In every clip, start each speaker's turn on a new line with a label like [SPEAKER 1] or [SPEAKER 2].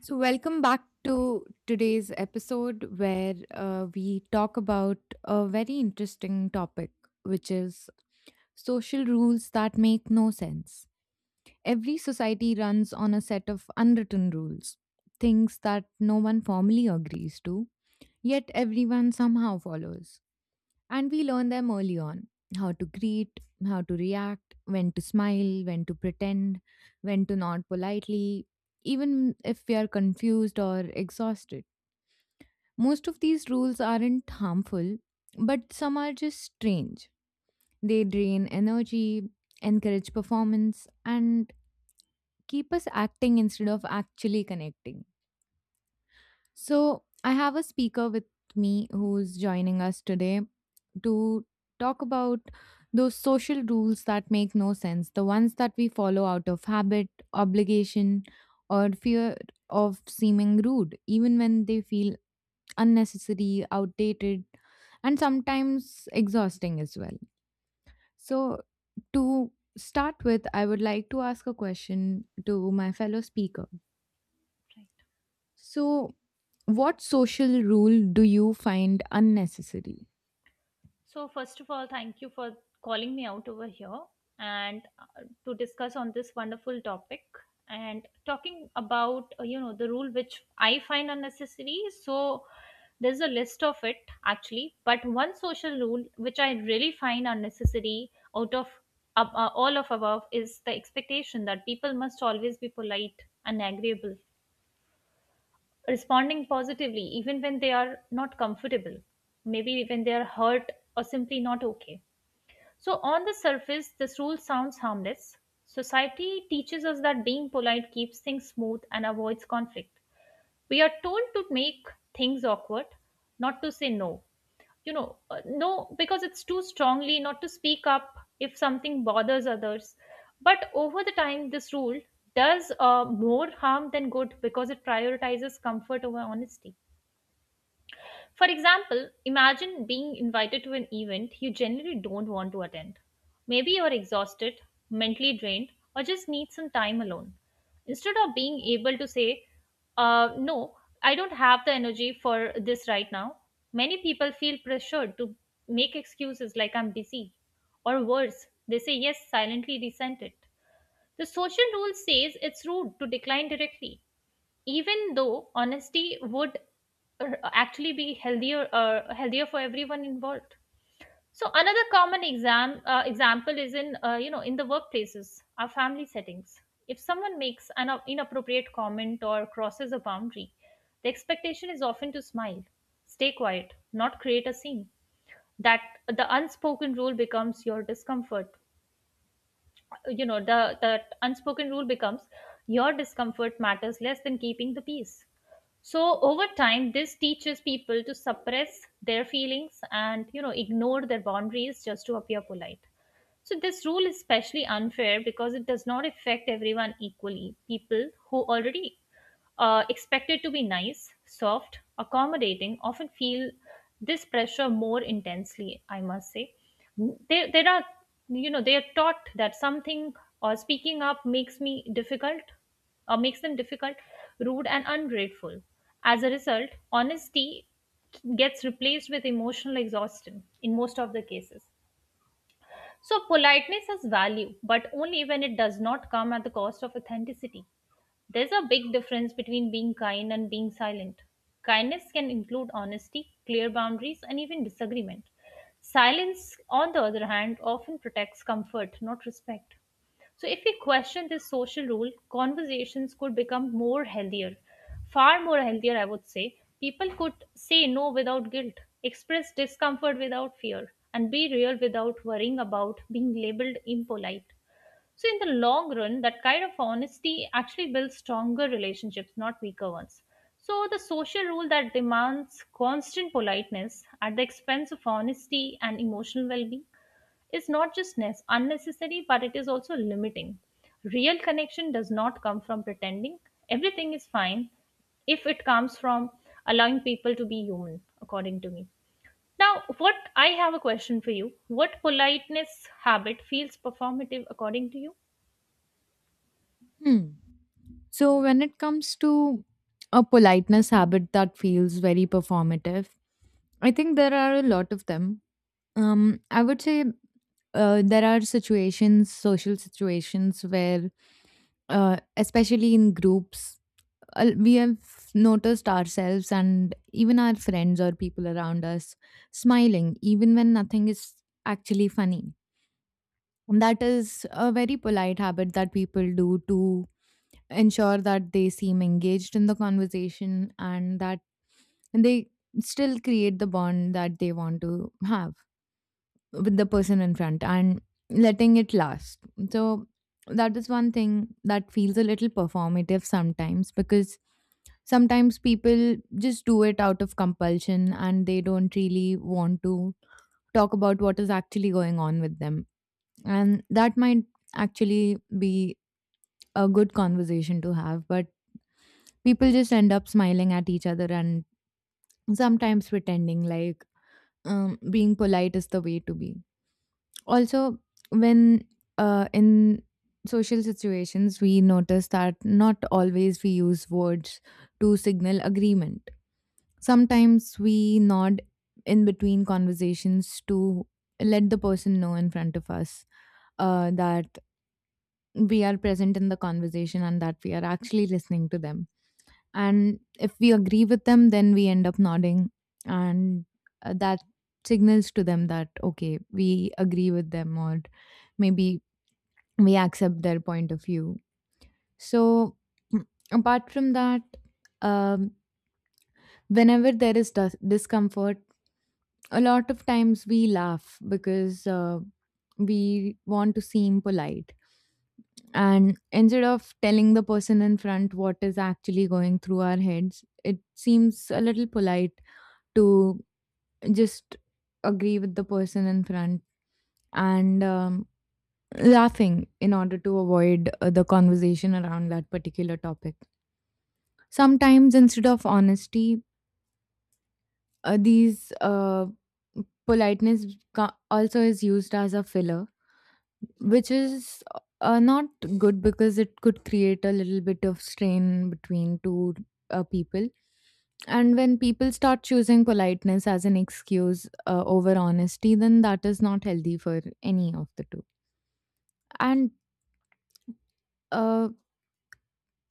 [SPEAKER 1] So, welcome back to today's episode where we talk about a very interesting topic, which is social rules that make no sense. Every society runs on a set of unwritten rules, things that no one formally agrees to, yet everyone somehow follows. And we learn them early on: how to greet, how to react, when to smile, when to pretend, when to nod politely, even if we are confused or exhausted. Most of these rules aren't harmful, but some are just strange. They drain energy, encourage performance, and keep us acting instead of actually connecting. So, I have a speaker with me who's joining us today to talk about those social rules that make no sense, the ones that we follow out of habit, obligation, or fear of seeming rude, even when they feel unnecessary, outdated, and sometimes exhausting as well. So, to start with, I would like to ask a question to my fellow speaker. So, what social rule do you find unnecessary?
[SPEAKER 2] So, first of all, thank you for calling me out over here and to discuss on this wonderful topic and talking about you know the rule which I find unnecessary. So, there's a list of it actually, but one social rule which I really find unnecessary out of all of above is the expectation that people must always be polite and agreeable, responding positively even when they are not comfortable, maybe when they are hurt or simply not okay. So, on the surface, this rule sounds harmless. Society teaches us that being polite keeps things smooth and avoids conflict. We are told to make things awkward, not to say no. You know, no, because it's too strongly, not to speak up if something bothers others. But over the time, this rule does more harm than good because it prioritizes comfort over honesty. For example, imagine being invited to an event you generally don't want to attend. Maybe you're exhausted, mentally drained, or just need some time alone. Instead of being able to say, No, I don't have the energy for this right now, many people feel pressured to make excuses like I'm busy. Or worse, they say yes, silently resent it. The social rule says it's rude to decline directly even though honesty would actually be healthier for everyone involved. So another common example is in you know, in the workplaces, our family settings. If someone makes an inappropriate comment or crosses a boundary, the expectation is often to smile, stay quiet, not create a scene. That the unspoken rule becomes your discomfort you know the That unspoken rule becomes your discomfort matters less than keeping the peace. So over time, this teaches people to suppress their feelings and, you know, ignore their boundaries just to appear polite. So this rule is especially unfair because it does not affect everyone equally. People who already expected to be nice, soft, accommodating often feel this pressure more intensely, I must say. There are, you know, they are taught that something or speaking up makes me difficult, or makes them difficult, rude, and ungrateful. As a result, honesty gets replaced with emotional exhaustion in most of the cases. So politeness has value, but only when it does not come at the cost of authenticity. There's a big difference between being kind and being silent. Kindness can include honesty, clear boundaries, and even disagreement. Silence, on the other hand, often protects comfort, not respect. So, if we question this social rule, conversations could become more healthier, far more healthier, I would say. People could say no without guilt, express discomfort without fear, and be real without worrying about being labeled impolite. So, in the long run, that kind of honesty actually builds stronger relationships, not weaker ones. So, the social rule that demands constant politeness at the expense of honesty and emotional well being is not just unnecessary, but it is also limiting. Real connection does not come from pretending everything is fine, if it comes from allowing people to be human, according to me. Now, what I have a question for you. What politeness habit feels performative according to you?
[SPEAKER 1] Hmm. So, when it comes to a politeness habit that feels very performative, I think there are a lot of them. I would say there are situations, social situations, where, especially in groups, we have noticed ourselves and even our friends or people around us smiling, even when nothing is actually funny. That is a very polite habit that people do to ensure that they seem engaged in the conversation and that they still create the bond that they want to have with the person in front and letting it last. So that is one thing that feels a little performative sometimes, because sometimes people just do it out of compulsion and they don't really want to talk about what is actually going on with them. And that might actually be a good conversation to have, but people just end up smiling at each other and sometimes pretending like being polite is the way to be. Also, when in social situations we notice that not always we use words to signal agreement. Sometimes we nod in between conversations to let the person know in front of us that we are present in the conversation and that we are actually listening to them, and if we agree with them then we end up nodding, and that signals to them that okay, we agree with them, or maybe we accept their point of view. So, apart from that, um, whenever there is discomfort, a lot of times we laugh because we want to seem polite. And instead of telling the person in front what is actually going through our heads, it seems a little polite to just agree with the person in front and laughing in order to avoid the conversation around that particular topic. Sometimes, instead of honesty, these politeness also is used as a filler, which is not good because it could create a little bit of strain between two people. And when people start choosing politeness as an excuse over honesty, then that is not healthy for any of the two. And uh,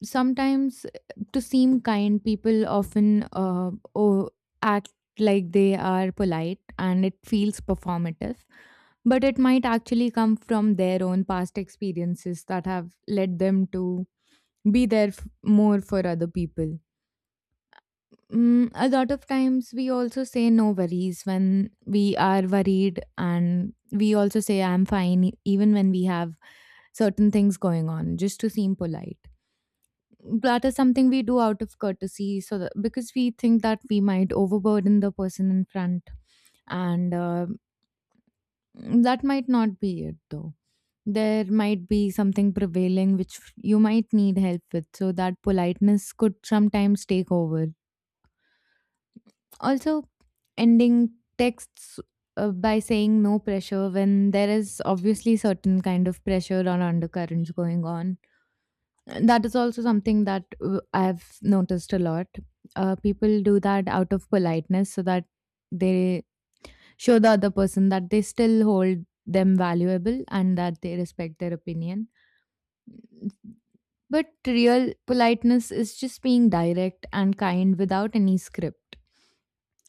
[SPEAKER 1] sometimes, to seem kind, people often act like they are polite and it feels performative, but it might actually come from their own past experiences that have led them to be there more for other people. Mm, a lot of times we also say no worries when we are worried, and we also say I'm fine even when we have certain things going on, just to seem polite. That is something we do out of courtesy, so that, because we think that we might overburden the person in front, and that might not be it though. There might be something prevailing which you might need help with, so that politeness could sometimes take over. Also, ending texts by saying no pressure when there is obviously certain kind of pressure or undercurrents going on, that is also something that I've noticed a lot. People do that out of politeness so that they show the other person that they still hold them valuable and that they respect their opinion. But real politeness is just being direct and kind without any script,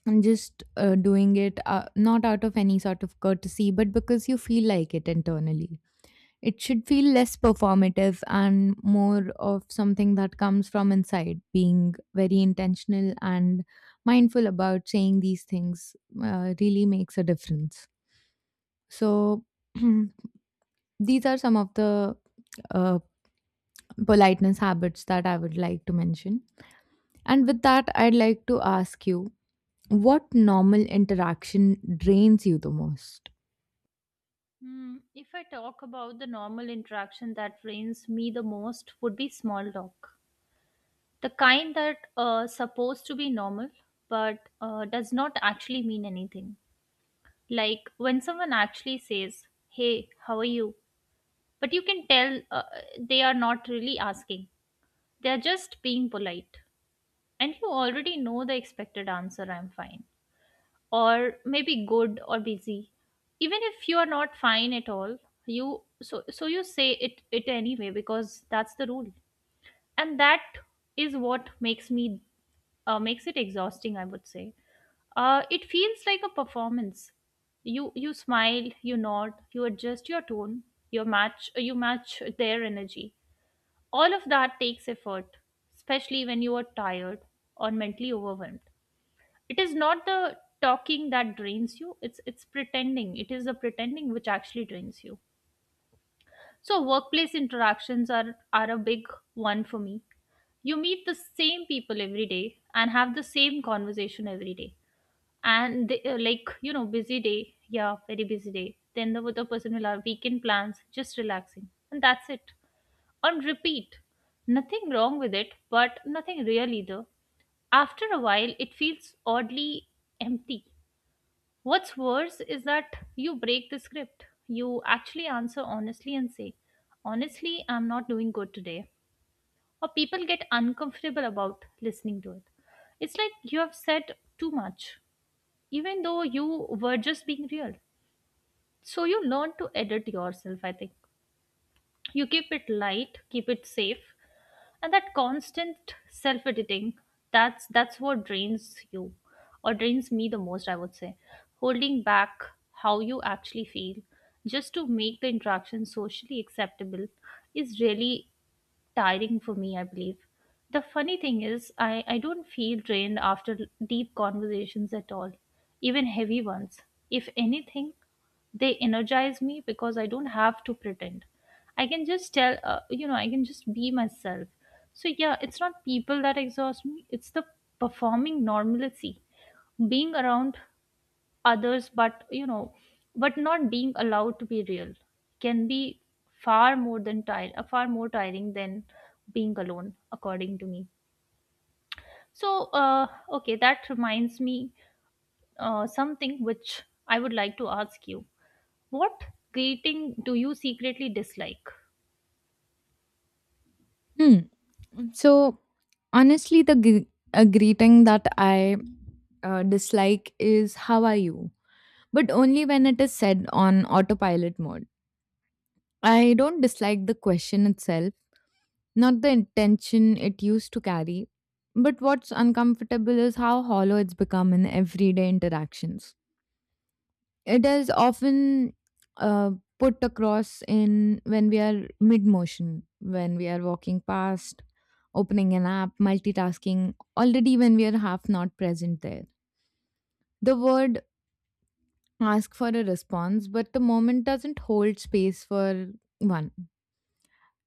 [SPEAKER 1] and just doing it not out of any sort of courtesy but because you feel like it internally. It should feel less performative and more of something that comes from inside. Being very intentional and mindful about saying these things really makes a difference. So, these are some of the uh, politeness habits that I would like to mention. And with that, I'd like to ask you, what normal interaction drains you the most?
[SPEAKER 2] Hmm, if I talk about the normal interaction that drains me the most would be small talk. The kind that supposed to be normal but does not actually mean anything. Like when someone actually says, "Hey, how are you?" but you can tell they are not really asking. They are just being polite. And you already know the expected answer, "I'm fine," or maybe good or busy, even if you are not fine at all. You so so you say it anyway because that's the rule, and that is what makes me makes it exhausting, I would say. It feels like a performance. You smile, you nod, you adjust your tone, you match their energy. All of that takes effort, especially when you are tired or mentally overwhelmed. It is not the talking that drains you, it's pretending. It is the pretending which actually drains you. So workplace interactions are a big one for me. You meet the same people every day and have the same conversation every day. And like, you know, busy day. Yeah, very busy day. Then the other person will have weekend plans, just relaxing, and that's it. On repeat. Nothing wrong with it, but nothing real either. After a while, it feels oddly empty. What's worse is that you break the script. You actually answer honestly and say, "Honestly, I'm not doing good today." Or people get uncomfortable about listening to it. It's like you have said too much, even though you were just being real. So you learn to edit yourself, I think. You keep it light, keep it safe, and that constant self editing, that's what drains you, or drains me the most, I would say. Holding back how you actually feel just to make the interaction socially acceptable is really tiring for me, I believe. The funny thing is, I don't feel drained after deep conversations at all, even heavy ones. If anything, they energize me because I don't have to pretend. I can just tell, you know, I can just be myself. So, yeah, it's not people that exhaust me, it's the performing normalcy. Being around others, but, you know, but not being allowed to be real can be far more tiring than being alone, according to me. So okay, that reminds me, something which I would like to ask you. What greeting do you secretly dislike?
[SPEAKER 1] Hmm. So honestly, the a greeting that I dislike is "How are you?" but only when it is said on autopilot mode. I don't dislike the question itself, not the intention it used to carry, but what's uncomfortable is how hollow it's become in everyday interactions. It is often uh, put across in when we are mid motion, when we are walking past, opening an app, multitasking, already when we are half not present there. The word ask for a response, but the moment doesn't hold space for one.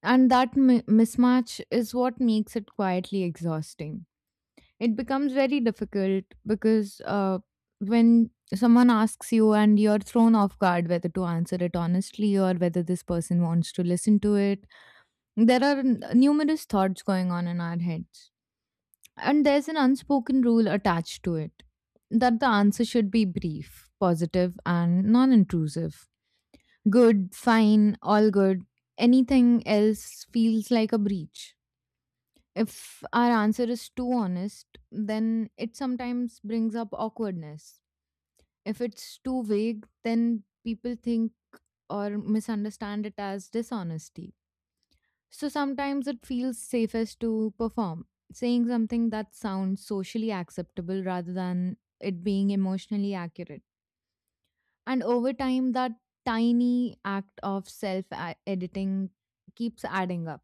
[SPEAKER 1] And that mismatch is what makes it quietly exhausting. It becomes very difficult because when someone asks you and you're thrown off guard whether to answer it honestly or whether this person wants to listen to it, there are numerous thoughts going on in our heads. And there's an unspoken rule attached to it that the answer should be brief, positive, and non intrusive. Good, fine, all good. Anything else feels like a breach. If our answer is too honest, then it sometimes brings up awkwardness. If it's too vague, then people think or misunderstand it as dishonesty. So sometimes it feels safest to perform, saying something that sounds socially acceptable rather than it being emotionally accurate. And over time, that tiny act of self editing keeps adding up.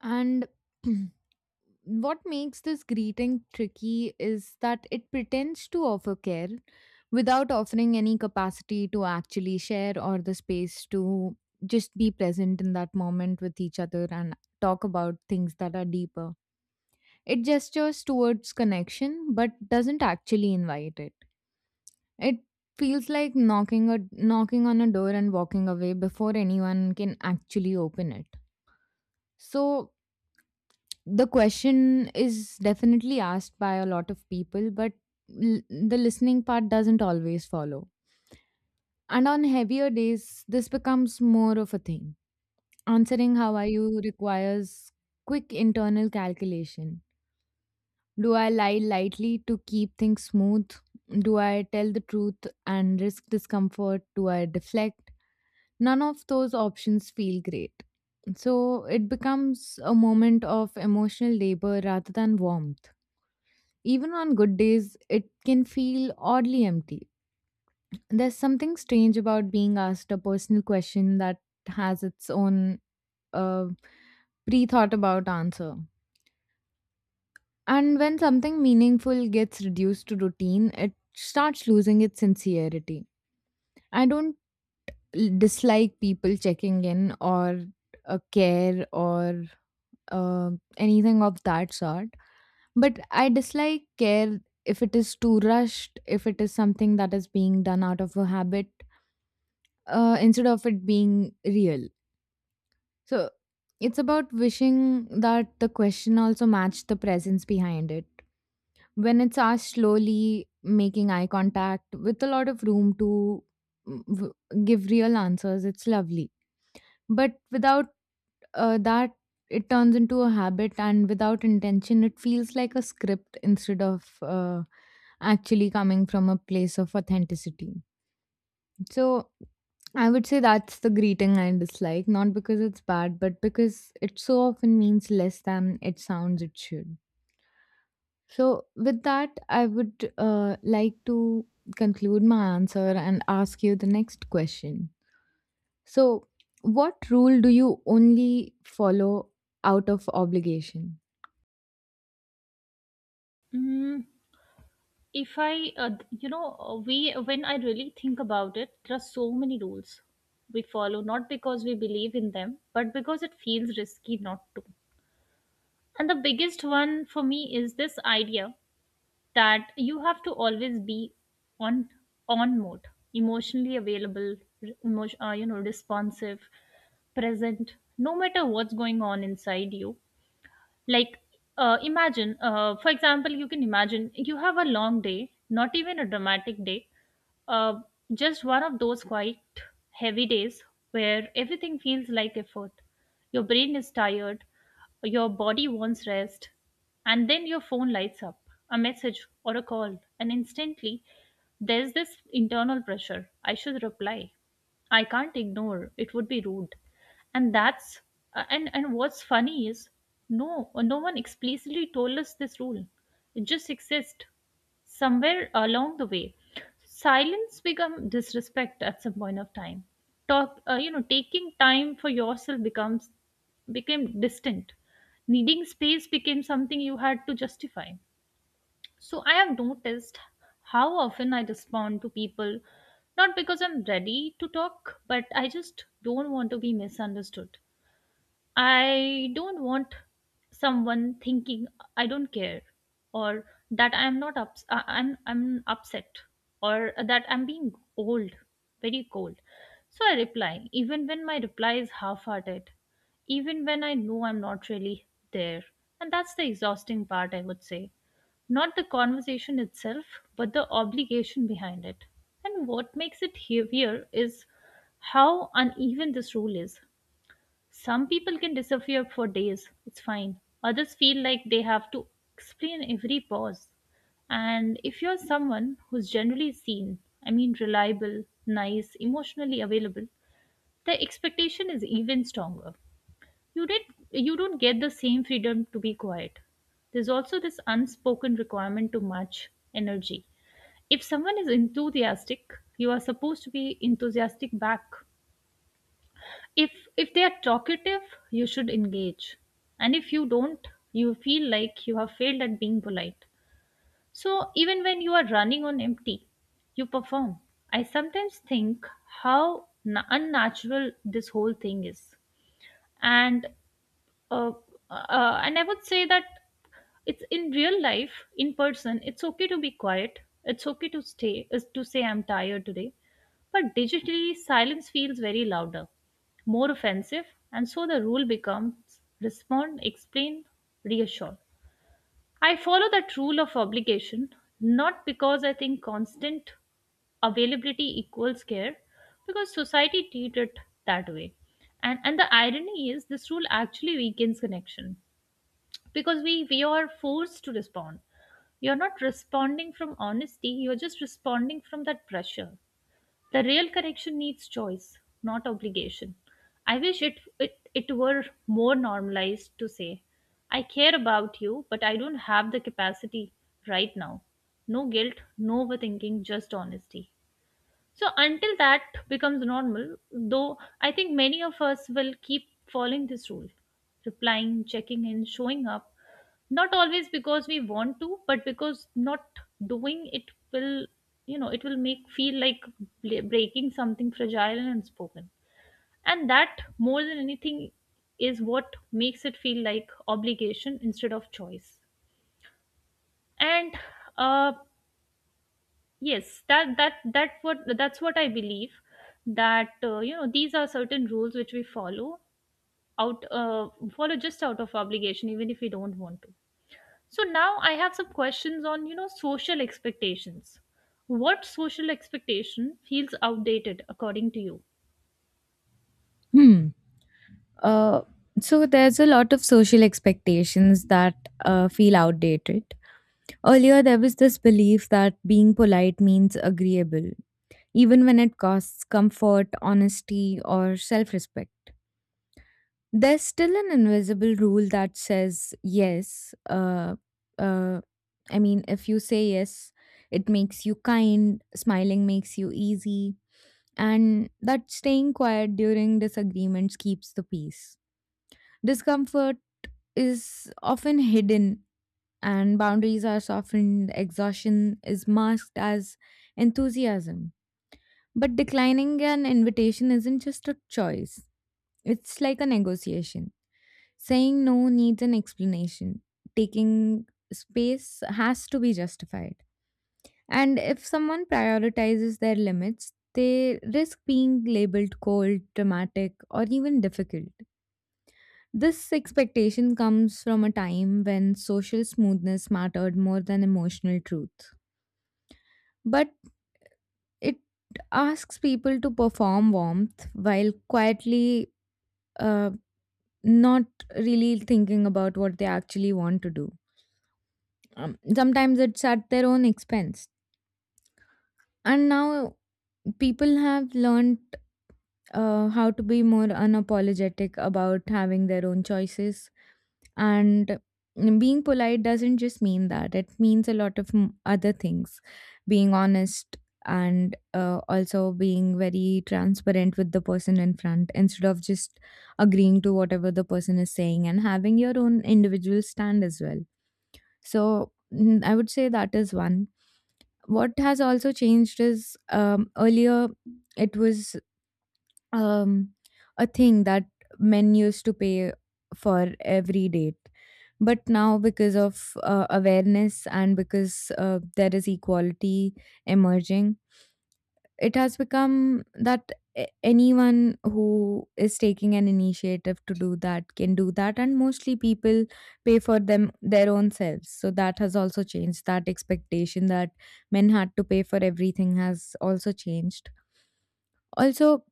[SPEAKER 1] And what makes this greeting tricky is that it pretends to offer care without offering any capacity to actually share, or the space to just be present in that moment with each other and talk about things that are deeper. It gestures towards connection but doesn't actually invite it. It feels like knocking on a door and walking away before anyone can actually open it. So the question is definitely asked by a lot of people, but the listening part doesn't always follow. And on heavier days, this becomes more of a thing. Answering how are you requires quick internal calculation. Do I lie lightly to keep things smooth? Do I tell the truth and risk discomfort? Do I deflect? None of those options feel great. So it becomes a moment of emotional labor rather than warmth. Even on good days, it can feel oddly empty. There's something strange about being asked a personal question that has its own uh, pre thought about answer. And when something meaningful gets reduced to routine, it starts losing its sincerity. I don't dislike people checking in, or a care, or uh, anything of that sort. But I dislike care if it is too rushed, if it is something that is being done out of a habit instead of it being real. So it's about wishing that the question also matched the presence behind it. When it's asked slowly, making eye contact with a lot of room to mm, w- give real answers, it's lovely. But without that, it turns into a habit, and without intention, it feels like a script instead of actually coming from a place of authenticity. So, I would say that's the greeting I dislike, not because it's bad, but because it so often means less than it sounds it should. So, with that, I would like to conclude my answer and ask you the next question. So, what rule do you only follow out of obligation?
[SPEAKER 2] Mm, if I you know, we when I really think about it, there are so many rules we follow not because we believe in them, but because it feels risky not to. And the biggest one for me is this idea that you have to always be on on mode, emotionally available, you know, responsive, present, no matter what's going on inside you. Like, imagine, for example, you can imagine you have a long day, not even a dramatic day, uh, just one of those quite heavy days where everything feels like effort. Your brain is tired, your body wants rest, and then your phone lights up, a message or a call, and instantly there's this internal pressure: I should reply, I can't ignore, it would be rude. And that's and what's funny is, no one explicitly told us this rule. It just exists. Somewhere along the way, silence become disrespect at some point of time. Talk You know, taking time for yourself becomes became distant. Needing space became something you had to justify. So I have noticed how often I respond to people not because I'm ready to talk, but I just don't want to be misunderstood. I don't want someone thinking I don't care, or that I am not I'm upset, or that I'm being old, very cold. So I reply, even when my reply is half-hearted, even when I know I'm not really there. And that's the exhausting part, I would say. Not the conversation itself, but the obligation behind it. And what makes it heavier is how uneven this rule is. Some people can disappear for days, it's fine. Others feel like they have to explain every pause. And if you're someone who's generally seen, I mean, reliable, nice, emotionally available, the expectation is even stronger. You, did, you don't get the same freedom to be quiet. There's also this unspoken requirement to match energy. If someone is enthusiastic, you are supposed to be enthusiastic back if if they are talkative, you should engage, and if you don't, you feel like you have failed at being polite. So even when you are running on empty, you perform. I sometimes think how na unnatural this whole thing is. And uh, uh, and I would say that it's in real life, in person, it's okay to be quiet. It's okay to stay is to say I'm tired today. But digitally, silence feels very louder, more offensive. And so the rule becomes respond, explain, reassure. I follow that rule of obligation, not because I think constant availability equals care, because society treats it that way. And the irony is this rule actually weakens connection, because we are forced to respond. You're not responding from honesty, you're just responding from that pressure. The real correction needs choice, not obligation. I wish it were more normalized to say, I care about you, but I don't have the capacity right now. No guilt, no overthinking, just honesty. So until that becomes normal, though, I think many of us will keep following this rule, replying, checking in, showing up, not always because we want to, but because not doing will, it will make feel like breaking something fragile and unspoken. And that, more than anything, is what makes it feel like obligation instead of choice. And uh, Yes, that's what I believe, that these are certain rules which we follow out follow just out of obligation even if we don't want to. So now I have some questions on social expectations. What social expectation feels outdated according to you?
[SPEAKER 1] Hmm. Uh, so there's a lot of social expectations that feel outdated. Earlier, there was this belief that being polite means agreeable, even when it costs comfort, honesty, or self respect. There's still an invisible rule that says yes. Uh, I mean, if you say yes, it makes you kind, smiling makes you easy, and that staying quiet during disagreements keeps the peace. Discomfort is often hidden, and boundaries are softened, exhaustion is masked as enthusiasm. But declining an invitation isn't just a choice, it's like a negotiation. Saying no needs an explanation, taking space has to be justified. And if someone prioritizes their limits, they risk being labeled cold, dramatic, or even difficult. This expectation comes from a time when social smoothness mattered more than emotional truth. But it asks people to perform warmth while quietly uh, not really thinking about what they actually want to do. Sometimes it's at their own expense. And now people have learned how to be more unapologetic about having their own choices. And being polite doesn't just mean that, it means a lot of other things. Being honest and also being very transparent with the person in front instead of just agreeing to whatever the person is saying, and having your own individual stand as well. So I would say that is one. What has also changed is, earlier it was um, a thing that men used to pay for every date. But now, because of awareness and because there is equality emerging, it has become that anyone who is taking an initiative to do that can do that, and mostly people pay for them their own selves. So that has also changed, that expectation that men had to pay for everything has also changed. Also,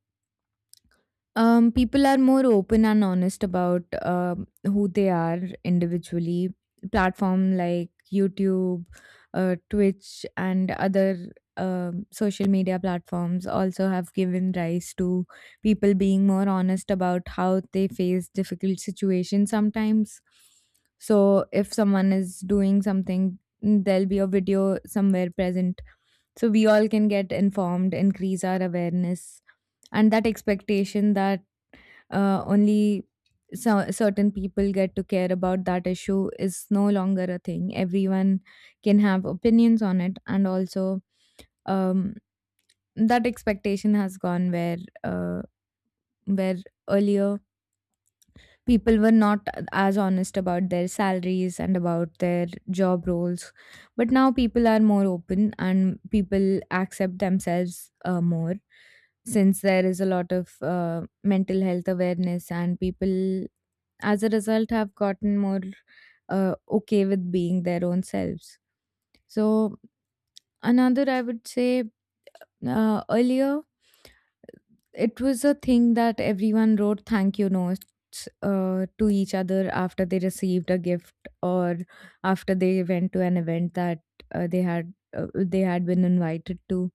[SPEAKER 1] people are more open and honest about who they are individually. Platform like YouTube, Twitch, and other social media platforms also have given rise to people being more honest about how they face difficult situations sometimes. So, if someone is doing something, there'll be a video somewhere present. So, we all can get informed, increase our awareness, and that expectation that only certain people get to care about that issue is no longer a thing. Everyone can have opinions on it, and also, um, that expectation has gone where, uh, where earlier people were not as honest about their salaries and about their job roles, but now people are more open and people accept themselves more, since there is a lot of mental health awareness, and people as a result have gotten more okay with being their own selves. So another, I would say, earlier it was a thing that everyone wrote thank you notes to each other after they received a gift or after they went to an event that they had been invited to,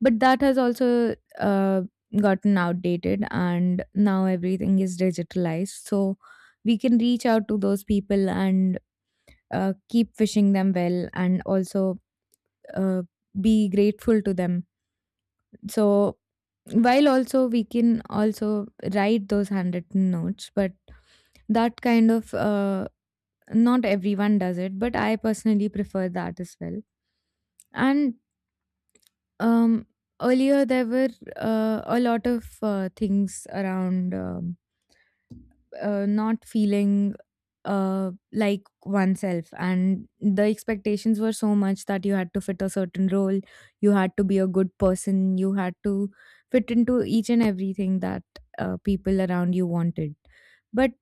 [SPEAKER 1] but that has also gotten outdated, and now everything is digitalized. So we can reach out to those people and keep wishing them well and also uh, be grateful to them. So while also we can also write those handwritten notes, but that kind of, not everyone does it, but I personally prefer that as well. And um, earlier there were a lot of things around not feeling like oneself. And the expectations were so much that you had to fit a certain role, you had to be a good person, you had to fit into each and everything that people around you wanted. But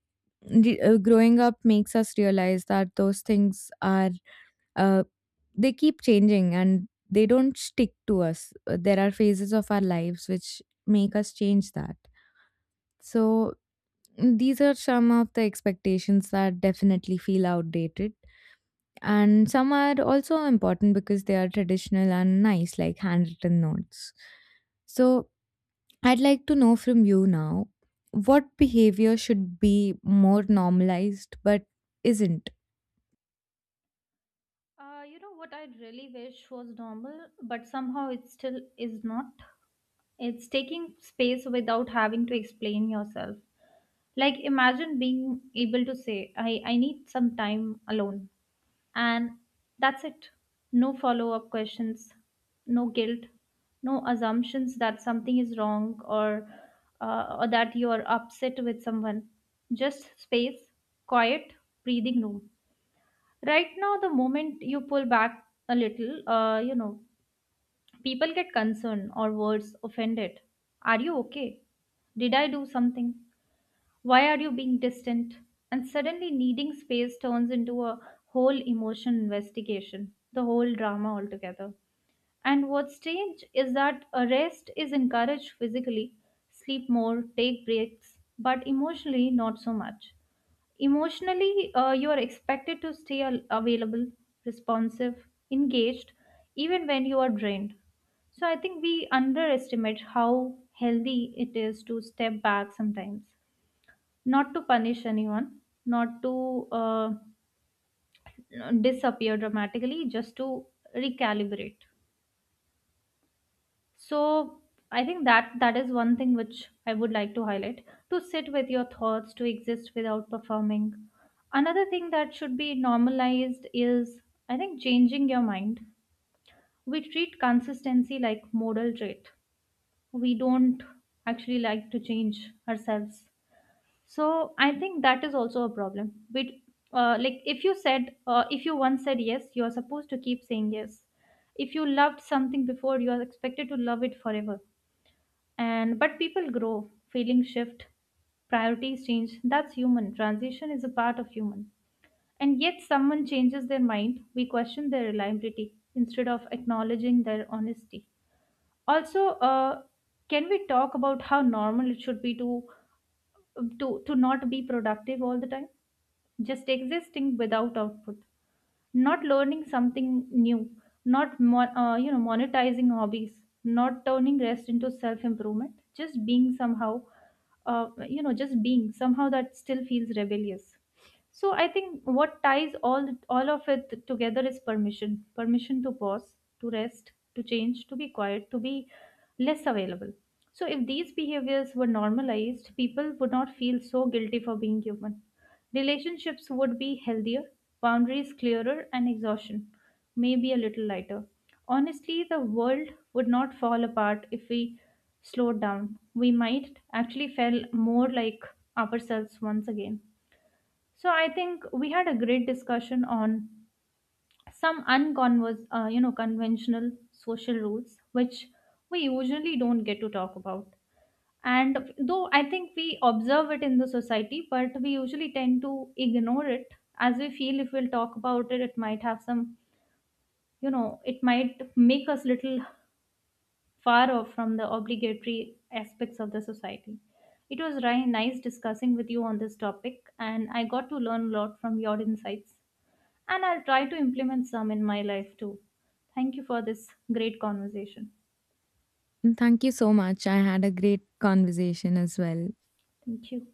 [SPEAKER 1] growing up makes us realize that those things are uh, they keep changing and they don't stick to us. There are phases of our lives which make us change that. So these are some of the expectations that definitely feel outdated. And some are also important because they are traditional and nice, like handwritten notes. So, I'd like to know from you now, what behavior should be more normalized but isn't?
[SPEAKER 2] You know what I really wish was normal, but somehow it still is not. It's taking space without having to explain yourself. Like imagine being able to say, I need some time alone. And that's it. No follow up questions, no guilt, no assumptions that something is wrong, or or that you are upset with someone. Just space, quiet, breathing room. Right now, the moment you pull back a little, people get concerned or worse, offended. Are you okay? Did I do something? Why are you being distant? And suddenly, needing space turns into a whole emotion investigation, the whole drama altogether. And what's strange is that a rest is encouraged physically, sleep more, take breaks, but emotionally, not so much. Emotionally, you are expected to stay available, responsive, engaged, even when you are drained. So I think we underestimate how healthy it is to step back sometimes. Not to punish anyone, not to disappear dramatically, just to recalibrate. So I think that is one thing which I would like to highlight. To sit with your thoughts, to exist without performing. Another thing that should be normalized is, I think, changing your mind. We treat consistency like modal trait. We don't actually like to change ourselves. So I think that is also a problem. But like if you said, if you once said yes, you are supposed to keep saying yes. If you loved something before, you are expected to love it forever. And but people grow, feelings shift, priorities change. That's human. Transition is a part of human. And yet, someone changes their mind, we question their reliability instead of acknowledging their honesty. Also, can we talk about how normal it should be to to not be productive all the time? Just existing without output, not learning something new, not monetizing hobbies, not turning rest into self improvement, just being somehow, just being somehow, that still feels rebellious. So I think what ties all of it together is permission. Permission to pause, to rest, to change, to be quiet, to be less available. So if these behaviors were normalized, people would not feel so guilty for being human. Relationships would be healthier, boundaries clearer, and exhaustion maybe a little lighter. Honestly, the world would not fall apart if we slowed down. We might actually feel more like ourselves once again. So I think we had a great discussion on some conventional social rules, which we usually don't get to talk about. And though I think we observe it in the society, but we usually tend to ignore it as we feel if we'll talk about it, it might have some, it might make us little far off from the obligatory aspects of the society. It was nice discussing with you on this topic, and I got to learn a lot from your insights. And I'll try to implement some in my life too. Thank you for this great conversation.
[SPEAKER 1] And thank you so much. I had a great conversation as well.
[SPEAKER 2] Thank you.